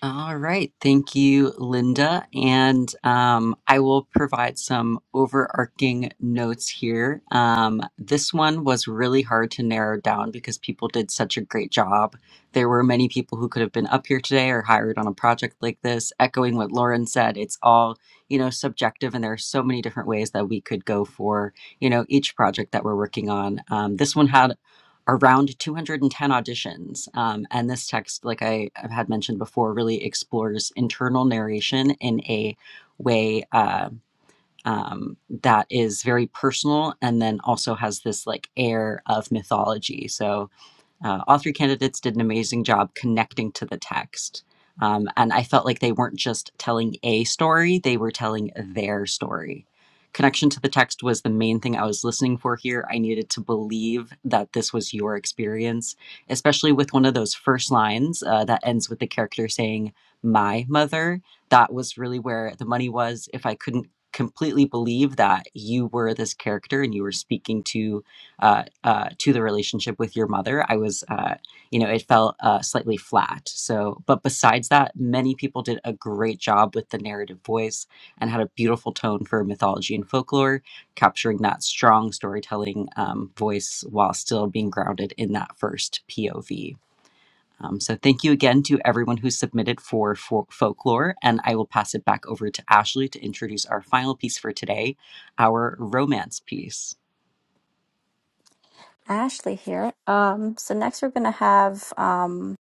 Speaker 7: All right. Thank you, Linda. And um, I will provide some overarching notes here. Um, this one was really hard to narrow down because people did such a great job. There were many people who could have been up here today or hired on a project like this. Echoing what Lauren said, it's all, you know, subjective, and there are so many different ways that we could go for, you know, each project that we're working on. Um, this one had around 210 auditions. Um, and this text, like I had mentioned before, really explores internal narration in a way uh, um, that is very personal and then also has this like air of mythology. So uh, all three candidates did an amazing job connecting to the text. Um, and I felt like they weren't just telling a story, they were telling their story. Connection to the text was the main thing I was listening for here. I needed to believe that this was your experience, especially with one of those first lines uh, that ends with the character saying, My mother. That was really where the money was. If I couldn't completely believe that you were this character and you were speaking to uh, uh, to the relationship with your mother. I was, uh, you know, it felt uh, slightly flat. So, but besides that, many people did a great job with the narrative voice and had a beautiful tone for mythology and folklore, capturing that strong storytelling um, voice while still being grounded in that first POV. Um, so, thank you again to everyone who submitted for, for folklore, and I will pass it back over to Ashley to introduce our final piece for today, our romance piece.
Speaker 2: Ashley here. Um, so next we're gonna have um,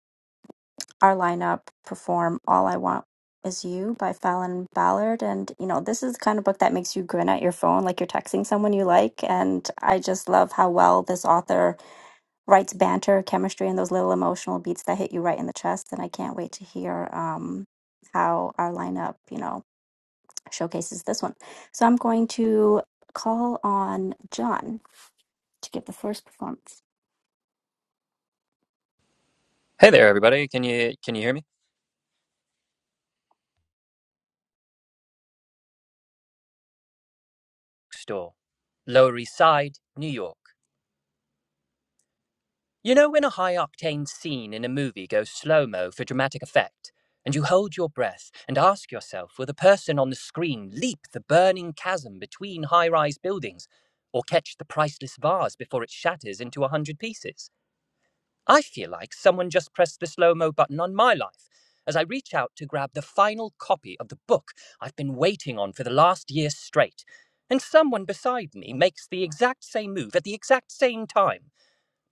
Speaker 2: our lineup perform All I Want Is You by Fallon Ballard. And, you know, this is the kind of book that makes you grin at your phone like you're texting someone you like. And I just love how well this author writes banter, chemistry, and those little emotional beats that hit you right in the chest. And I can't wait to hear um, how our lineup, you know, showcases this one. So I'm going to call on John to give the first performance.
Speaker 12: Hey there, everybody. Can you can you hear me? Store, Lower East Side, New York. You know when a high octane scene in a movie goes slow mo for dramatic effect, and you hold your breath and ask yourself, will the person on the screen leap the burning chasm between high rise buildings, or catch the priceless vase before it shatters into a hundred pieces? I feel like someone just pressed the slow mo button on my life as I reach out to grab the final copy of the book I've been waiting on for the last year straight. And someone beside me makes the exact same move at the exact same time.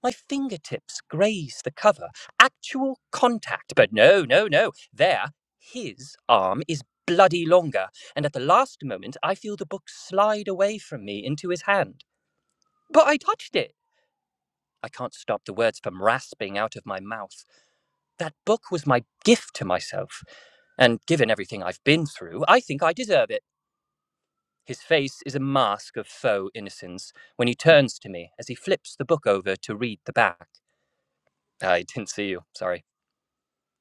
Speaker 12: My fingertips graze the cover, actual contact. But no, no, no. There, his arm is bloody longer, and at the last moment, I feel the book slide away from me into his hand. But I touched it. I can't stop the words from rasping out of my mouth. That book was my gift to myself, and given everything I've been through, I think I deserve it. His face is a mask of faux innocence when he turns to me as he flips the book over to read the back. I didn't see you, sorry.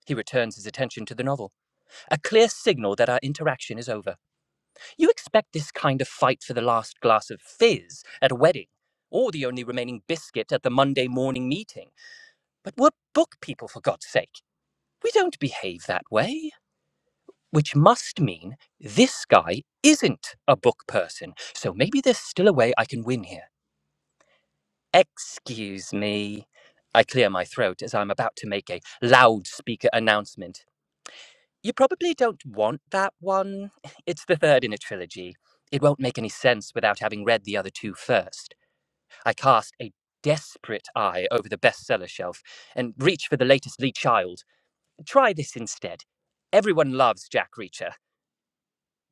Speaker 12: He returns his attention to the novel, a clear signal that our interaction is over. You expect this kind of fight for the last glass of fizz at a wedding, or the only remaining biscuit at the Monday morning meeting. But we're book people, for God's sake. We don't behave that way. which must mean this guy isn't a book person. So maybe there's still a way I can win here. Excuse me. I clear my throat as I'm about to make a loudspeaker announcement. You probably don't want that one. It's the third in a trilogy. It won't make any sense without having read the other two first. I cast a desperate eye over the bestseller shelf and reach for the latest Lee Child. Try this instead. Everyone loves Jack Reacher.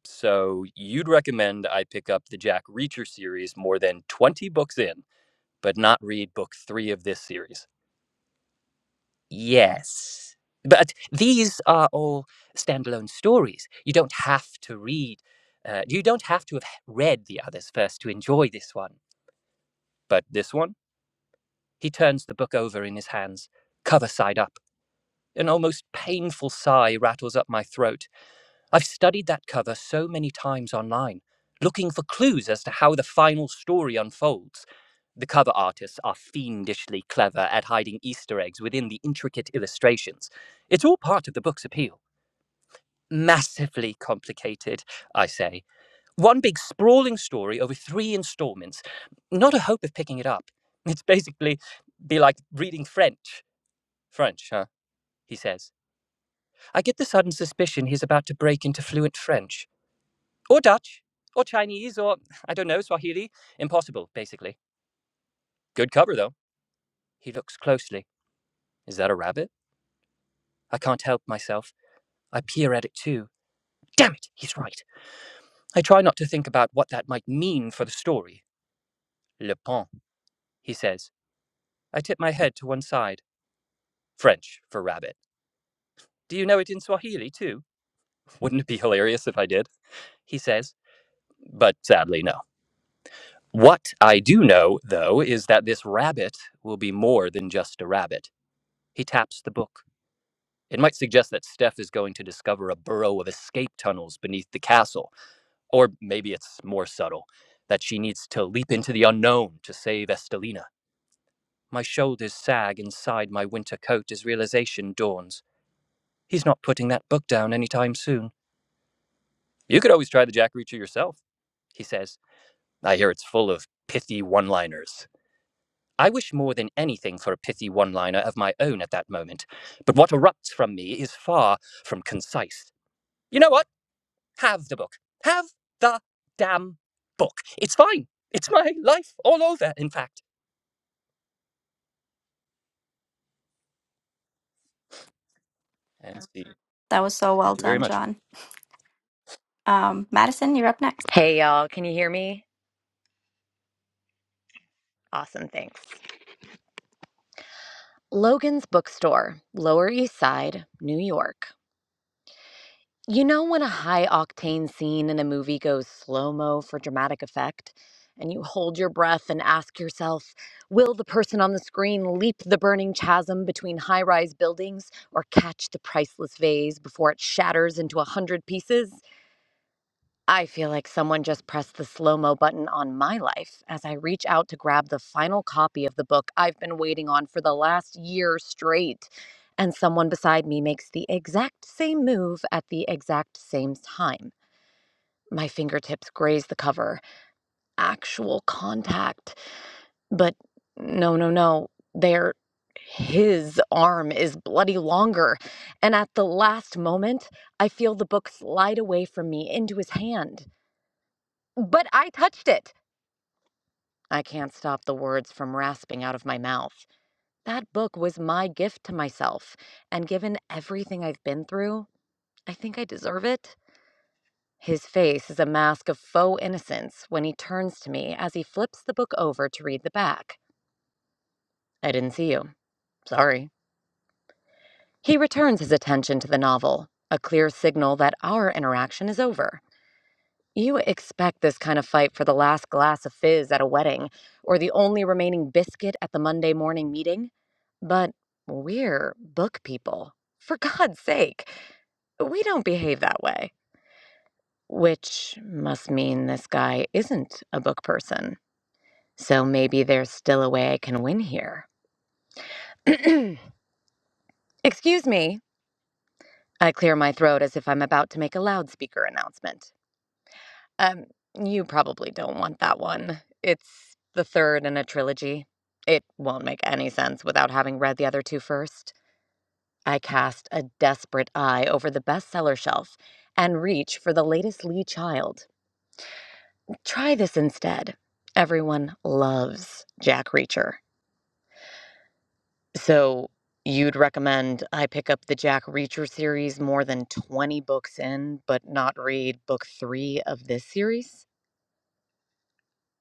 Speaker 12: So you'd recommend I pick up the Jack Reacher series more than 20 books in, but not read book three of this series. Yes. But these are all standalone stories. You don't have to read, uh, you don't have to have read the others first to enjoy this one. But this one? He turns the book over in his hands, cover side up. An almost painful sigh rattles up my throat. I've studied that cover so many times online, looking for clues as to how the final story unfolds. The cover artists are fiendishly clever at hiding Easter eggs within the intricate illustrations. It's all part of the book's appeal. Massively complicated, I say. One big sprawling story over three installments. Not a hope of picking it up. It's basically be like reading French. French, huh? He says. I get the sudden suspicion he's about to break into fluent French. Or Dutch, or Chinese, or I don't know, Swahili. Impossible, basically. Good cover, though. He looks closely. Is that a rabbit? I can't help myself. I peer at it too. Damn it, he's right. I try not to think about what that might mean for the story. Le pont, he says. I tip my head to one side. French for rabbit. Do you know it in Swahili too? Wouldn't it be hilarious if I did? He says. But sadly, no. What I do know, though, is that this rabbit will be more than just a rabbit. He taps the book. It might suggest that Steph is going to discover a burrow of escape tunnels beneath the castle, or maybe it's more subtle that she needs to leap into the unknown to save Estelina. My shoulders sag inside my winter coat as realization dawns. He's not putting that book down anytime soon. You could always try the Jack Reacher yourself, he says. I hear it's full of pithy one liners. I wish more than anything for a pithy one liner of my own at that moment, but what erupts from me is far from concise. You know what? Have the book. Have the damn book. It's fine. It's my life all over, in fact. And see.
Speaker 2: That was so
Speaker 12: Thank
Speaker 2: well
Speaker 12: you very
Speaker 2: done,
Speaker 12: much.
Speaker 2: John. Um, Madison, you're up next.
Speaker 13: Hey y'all, can you hear me? Awesome, thanks. Logan's Bookstore, Lower East Side, New York. You know when a high octane scene in a movie goes slow mo for dramatic effect? And you hold your breath and ask yourself, will the person on the screen leap the burning chasm between high rise buildings or catch the priceless vase before it shatters into a hundred pieces? I feel like someone just pressed the slow mo button on my life as I reach out to grab the final copy of the book I've been waiting on for the last year straight. And someone beside me makes the exact same move at the exact same time. My fingertips graze the cover, actual contact. But no, no, no. There, his arm is bloody longer. And at the last moment, I feel the book slide away from me into his hand. But I touched it. I can't stop the words from rasping out of my mouth. That book was my gift to myself, and given everything I've been through, I think I deserve it. His face is a mask of faux innocence when he turns to me as he flips the book over to read the back. I didn't see you. Sorry. He returns his attention to the novel, a clear signal that our interaction is over. You expect this kind of fight for the last glass of fizz at a wedding or the only remaining biscuit at the Monday morning meeting, but we're book people. For God's sake, we don't behave that way. Which must mean this guy isn't a book person. So maybe there's still a way I can win here. Excuse me. I clear my throat as if I'm about to make a loudspeaker announcement. Um, you probably don't want that one. It's the third in a trilogy. It won't make any sense without having read the other two first. I cast a desperate eye over the bestseller shelf and reach for the latest Lee Child. Try this instead. Everyone loves Jack Reacher. So, you'd recommend I pick up the Jack Reacher series more than 20 books in, but not read book three of this series?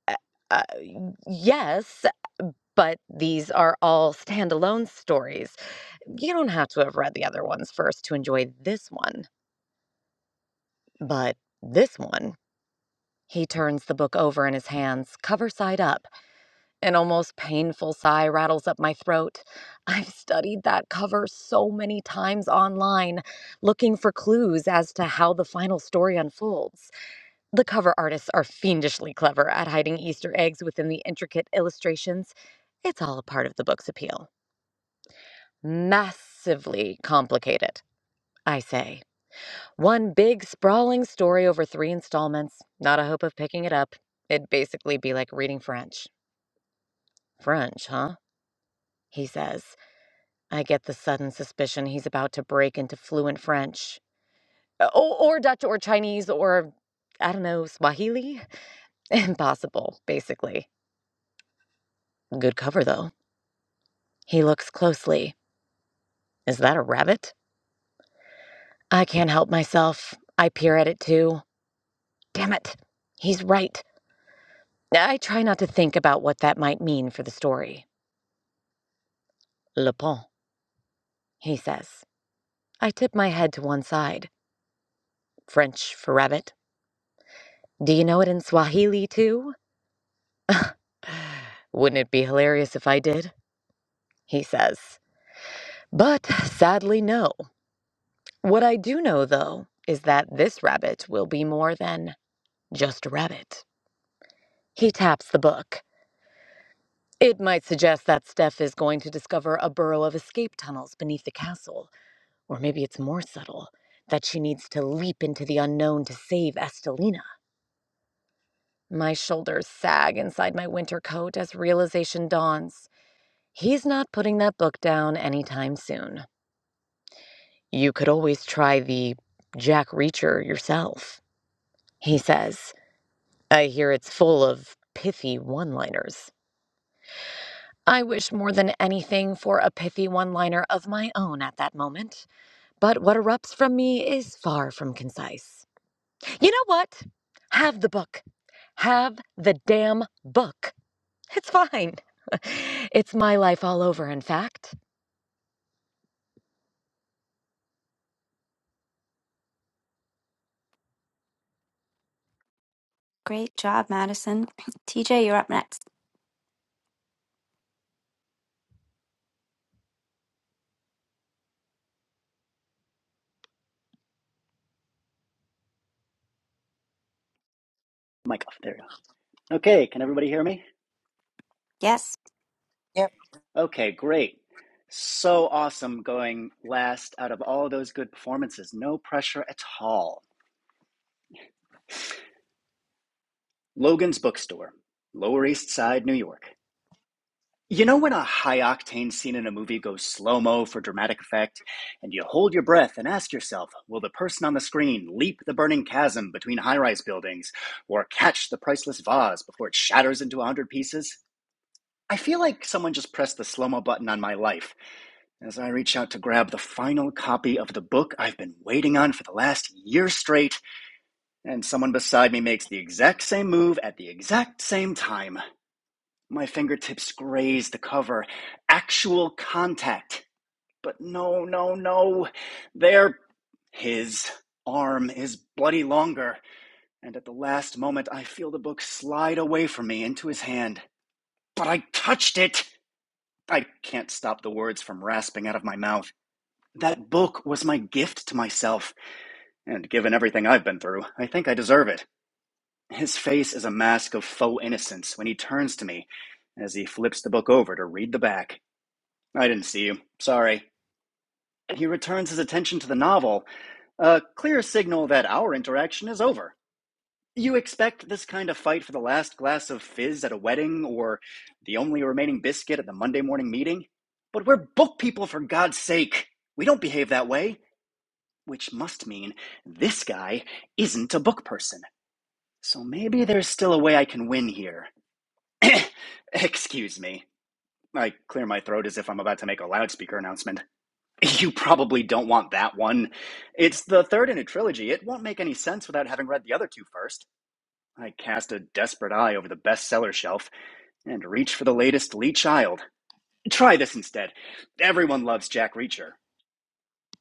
Speaker 13: uh, uh, yes, but these are all standalone stories. You don't have to have read the other ones first to enjoy this one. But this one, he turns the book over in his hands, cover side up. An almost painful sigh rattles up my throat. I've studied that cover so many times online, looking for clues as to how the final story unfolds. The cover artists are fiendishly clever at hiding Easter eggs within the intricate illustrations. It's all a part of the book's appeal. Massively complicated, I say. One big, sprawling story over three installments. Not a hope of picking it up. It'd basically be like reading French. French, huh? He says. I get the sudden suspicion he's about to break into fluent French. Or, or Dutch or Chinese or, I don't know, Swahili? Impossible, basically. Good cover, though. He looks closely. Is that a rabbit? I can't help myself. I peer at it too. Damn it. He's right. I try not to think about what that might mean for the story. Le pont, he says. I tip my head to one side. French for rabbit. Do you know it in Swahili too? Wouldn't it be hilarious if I did? He says. But sadly, no. What I do know, though, is that this rabbit will be more than just a rabbit. He taps the book. It might suggest that Steph is going to discover a burrow of escape tunnels beneath the castle Or maybe it's more subtle that she needs to leap into the unknown to save Estelina. My shoulders sag inside my winter coat as realization dawns. He's not putting that book down anytime soon. You could always try the Jack Reacher yourself, he says. I hear it's full of pithy one liners. I wish more than anything for a pithy one liner of my own at that moment, but what erupts from me is far from concise. You know what? Have the book. Have the damn book. It's fine. it's my life all over, in fact.
Speaker 2: Great job, Madison. TJ, you're up next.
Speaker 14: Mic off. There we go. Okay, can everybody hear me?
Speaker 2: Yes.
Speaker 14: Okay, great. So awesome going last out of all those good performances. No pressure at all. Logan's Bookstore, Lower East Side, New York. You know when a high octane scene in a movie goes slow mo for dramatic effect, and you hold your breath and ask yourself, will the person on the screen leap the burning chasm between high rise buildings or catch the priceless vase before it shatters into a hundred pieces? I feel like someone just pressed the slow mo button on my life. As I reach out to grab the final copy of the book I've been waiting on for the last year straight, and someone beside me makes the exact same move at the exact same time. My fingertips graze the cover. Actual contact. But no, no, no. There. His arm is bloody longer, and at the last moment I feel the book slide away from me into his hand. But I touched it! I can't stop the words from rasping out of my mouth. That book was my gift to myself, and given everything I've been through, I think I deserve it. His face is a mask of faux innocence when he turns to me as he flips the book over to read the back. I didn't see you. Sorry. He returns his attention to the novel, a clear signal that our interaction is over. You expect this kind of fight for the last glass of fizz at a wedding or the only remaining biscuit at the Monday morning meeting? But we're book people, for God's sake! We don't behave that way. which must mean this guy isn't a book person. So maybe there's still a way I can win here. Excuse me. I clear my throat as if I'm about to make a loudspeaker announcement. You probably don't want that one. It's the third in a trilogy. It won't make any sense without having read the other two first. I cast a desperate eye over the bestseller shelf and reach for the latest Lee Child. Try this instead. Everyone loves Jack Reacher.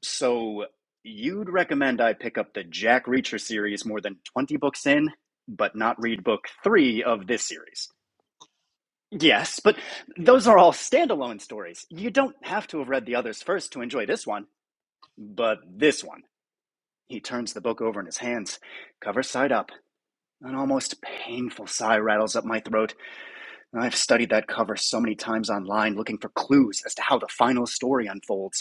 Speaker 14: So you'd recommend I pick up the Jack Reacher series more than 20 books in, but not read book three of this series. Yes, but those are all standalone stories. You don't have to have read the others first to enjoy this one, but this one. He turns the book over in his hands, cover side up. An almost painful sigh rattles up my throat. I've studied that cover so many times online looking for clues as to how the final story unfolds.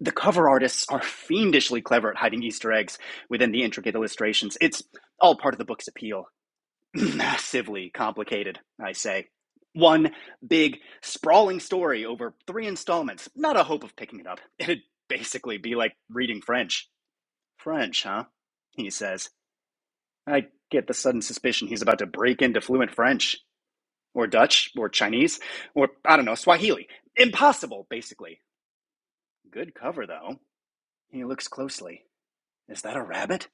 Speaker 14: the cover artists are fiendishly clever at hiding Easter eggs within the intricate illustrations. It's all part of the book's appeal. Massively complicated, I say. One big, sprawling story over three installments. Not a hope of picking it up. It'd basically be like reading French. French, huh? He says. I get the sudden suspicion he's about to break into fluent French, or Dutch, or Chinese, or I don't know, Swahili. Impossible, basically. Good cover, though. He looks closely. Is that a rabbit?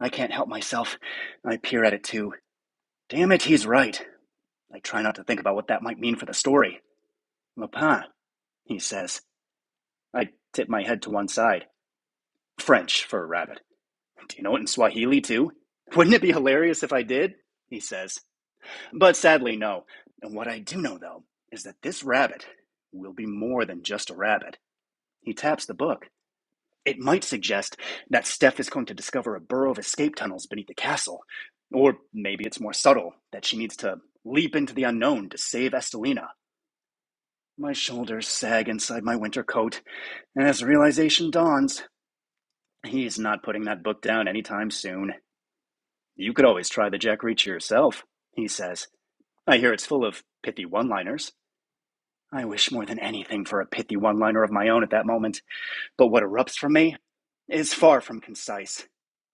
Speaker 14: I can't help myself. I peer at it too. Damn it, he's right. I try not to think about what that might mean for the story. Lapin, he says. I tip my head to one side. French for a rabbit. Do you know it in Swahili too? Wouldn't it be hilarious if I did? He says. But sadly, no. And what I do know, though, is that this rabbit will be more than just a rabbit. He taps the book. It might suggest that Steph is going to discover a burrow of escape tunnels beneath the castle. Or maybe it's more subtle that she needs to leap into the unknown to save Estelina. My shoulders sag inside my winter coat, and as realization dawns, he's not putting that book down anytime soon. You could always try the Jack Reacher yourself, he says. I hear it's full of pithy one liners. I wish more than anything for a pithy one liner of my own at that moment, but what erupts from me is far from concise.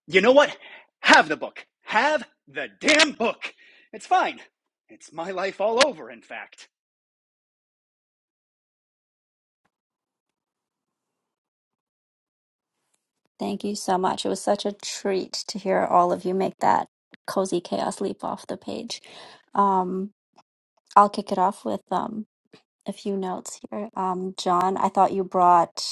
Speaker 14: You know what? Have the book. Have the damn book. It's fine. It's my life all over, in fact.
Speaker 2: Thank you so much. It was such a treat to hear all of you make that cozy chaos leap off the page. Um, I'll kick it off with um, a few notes here. Um, John, I thought you brought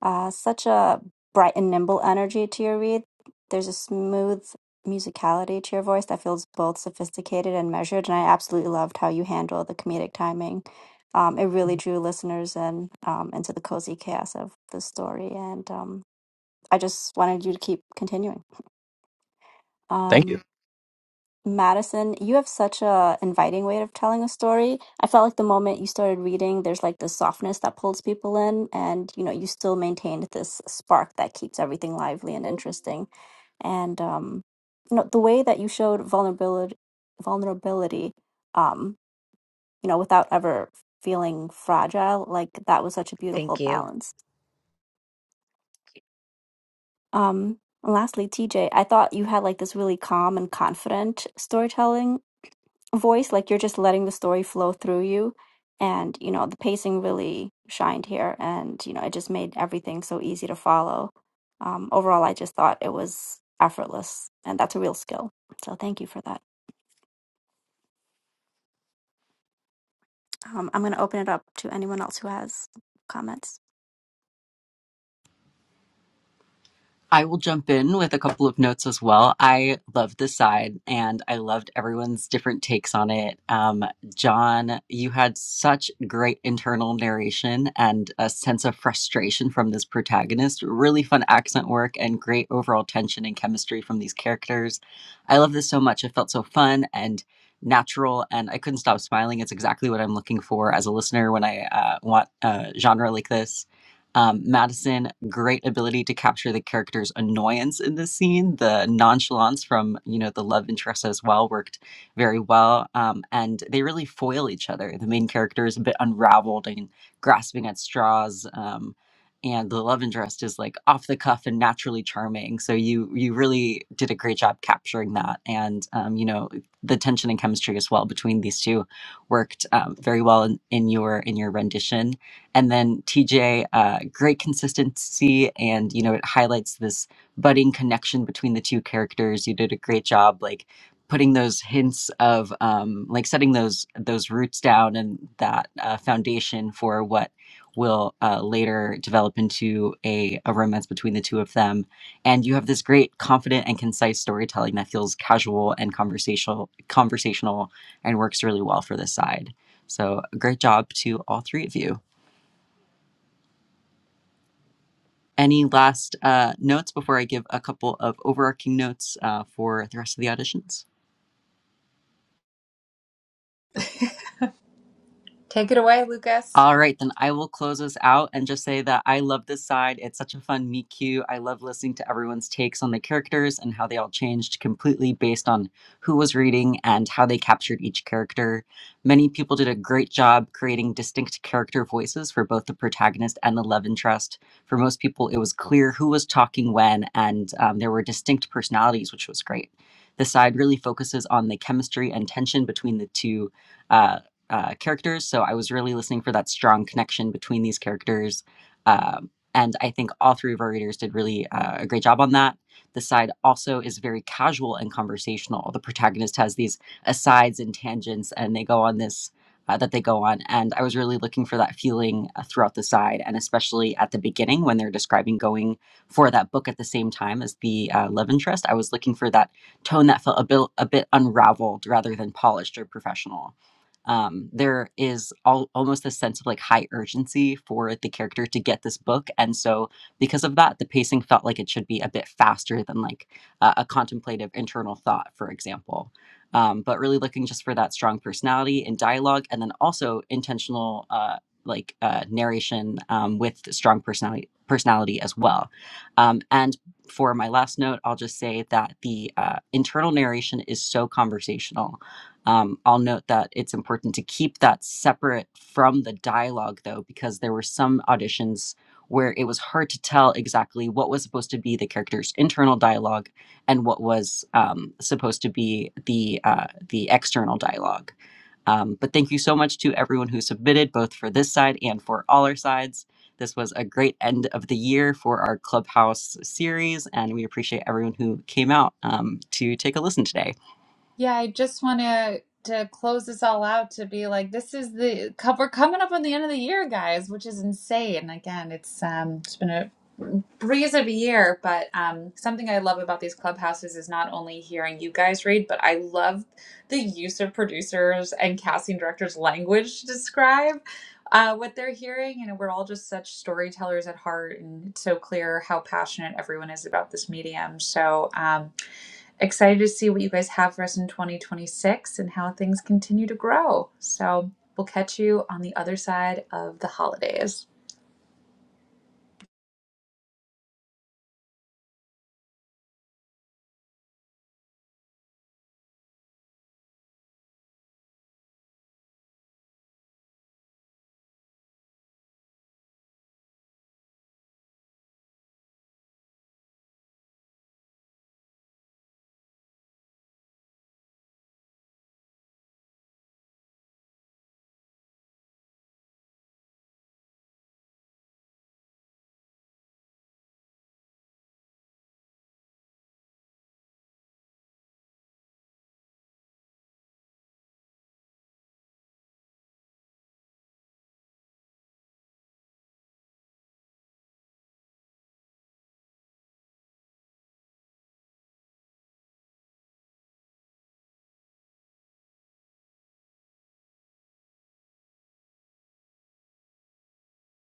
Speaker 2: Uh, such a bright and nimble energy to your read. There's a smooth musicality to your voice that feels both sophisticated and measured, and I absolutely loved how you handle the comedic timing. Um, it really drew listeners in um, into the cozy chaos of the story, and um, I just wanted you to keep continuing.
Speaker 12: Thank you.
Speaker 2: Um, Madison, you have such a inviting way of telling a story. I felt like the moment you started reading, there's like this softness that pulls people in, and you know, you still maintained this spark that keeps everything lively and interesting. And um, you know, the way that you showed vulnerability, vulnerability, um, you know, without ever feeling fragile, like that was such a beautiful
Speaker 13: Thank you.
Speaker 2: balance. Um, and lastly, TJ, I thought you had like this really calm and confident storytelling voice like you're just letting the story flow through you and you know the pacing really shined here and you know it just made everything so easy to follow um, overall i just thought it was effortless and that's a real skill so thank you for that um, i'm going to open it up to anyone else who has comments
Speaker 7: I will jump in with a couple of notes as well. I loved this side and I loved everyone's different takes on it. Um, John, you had such great internal narration and a sense of frustration from this protagonist. Really fun accent work and great overall tension and chemistry from these characters. I love this so much. It felt so fun and natural and I couldn't stop smiling. It's exactly what I'm looking for as a listener when I uh, want a genre like this. Um, Madison, great ability to capture the character's annoyance in this scene. The nonchalance from you know the love interest as well worked very well, um, and they really foil each other. The main character is a bit unraveled and grasping at straws, um, and the love interest is like off the cuff and naturally charming. So you you really did a great job capturing that, and um, you know the tension and chemistry as well between these two worked um, very well in, in your in your rendition and then TJ, uh, great consistency, and you know it highlights this budding connection between the two characters. You did a great job, like putting those hints of um, like setting those those roots down and that uh, foundation for what will uh, later develop into a, a romance between the two of them. And you have this great, confident, and concise storytelling that feels casual and conversational, conversational, and works really well for this side. So, great job to all three of you. Any last uh, notes before I give a couple of overarching notes uh, for the rest of the auditions?
Speaker 1: Take it away, Lucas.
Speaker 7: All right, then I will close us out and just say that I love this side. It's such a fun meet cute. I love listening to everyone's takes on the characters and how they all changed completely based on who was reading and how they captured each character. Many people did a great job creating distinct character voices for both the protagonist and the love interest. For most people, it was clear who was talking when, and um, there were distinct personalities, which was great. The side really focuses on the chemistry and tension between the two uh, uh, characters. So I was really listening for that strong connection between these characters. Um, and I think all three of our readers did really uh, a great job on that. The side also is very casual and conversational. The protagonist has these asides and tangents, and they go on this. Uh, that they go on. And I was really looking for that feeling uh, throughout the side, and especially at the beginning when they're describing going for that book at the same time as the uh, love interest. I was looking for that tone that felt a bit, a bit unraveled rather than polished or professional um, there is all, almost a sense of like high urgency for the character to get this book and so because of that the pacing felt like it should be a bit faster than like uh, a contemplative internal thought for example um, but really looking just for that strong personality and dialogue and then also intentional uh, like uh, narration um, with strong personality personality as well um, and for my last note i'll just say that the uh, internal narration is so conversational um, I'll note that it's important to keep that separate from the dialogue, though, because there were some auditions where it was hard to tell exactly what was supposed to be the character's internal dialogue and what was um, supposed to be the uh, the external dialogue. Um, but thank you so much to everyone who submitted, both for this side and for all our sides. This was a great end of the year for our Clubhouse series, and we appreciate everyone who came out um, to take a listen today.
Speaker 1: Yeah, I just want to to close this all out to be like this is the co- we're coming up on the end of the year, guys, which is insane. Again, it's um it's been a breeze of a year, but um something I love about these clubhouses is not only hearing you guys read, but I love the use of producers and casting directors' language to describe uh, what they're hearing. You know, we're all just such storytellers at heart, and it's so clear how passionate everyone is about this medium. So. um Excited to see what you guys have for us in 2026 and how things continue to grow. So we'll catch you on the other side of the holidays.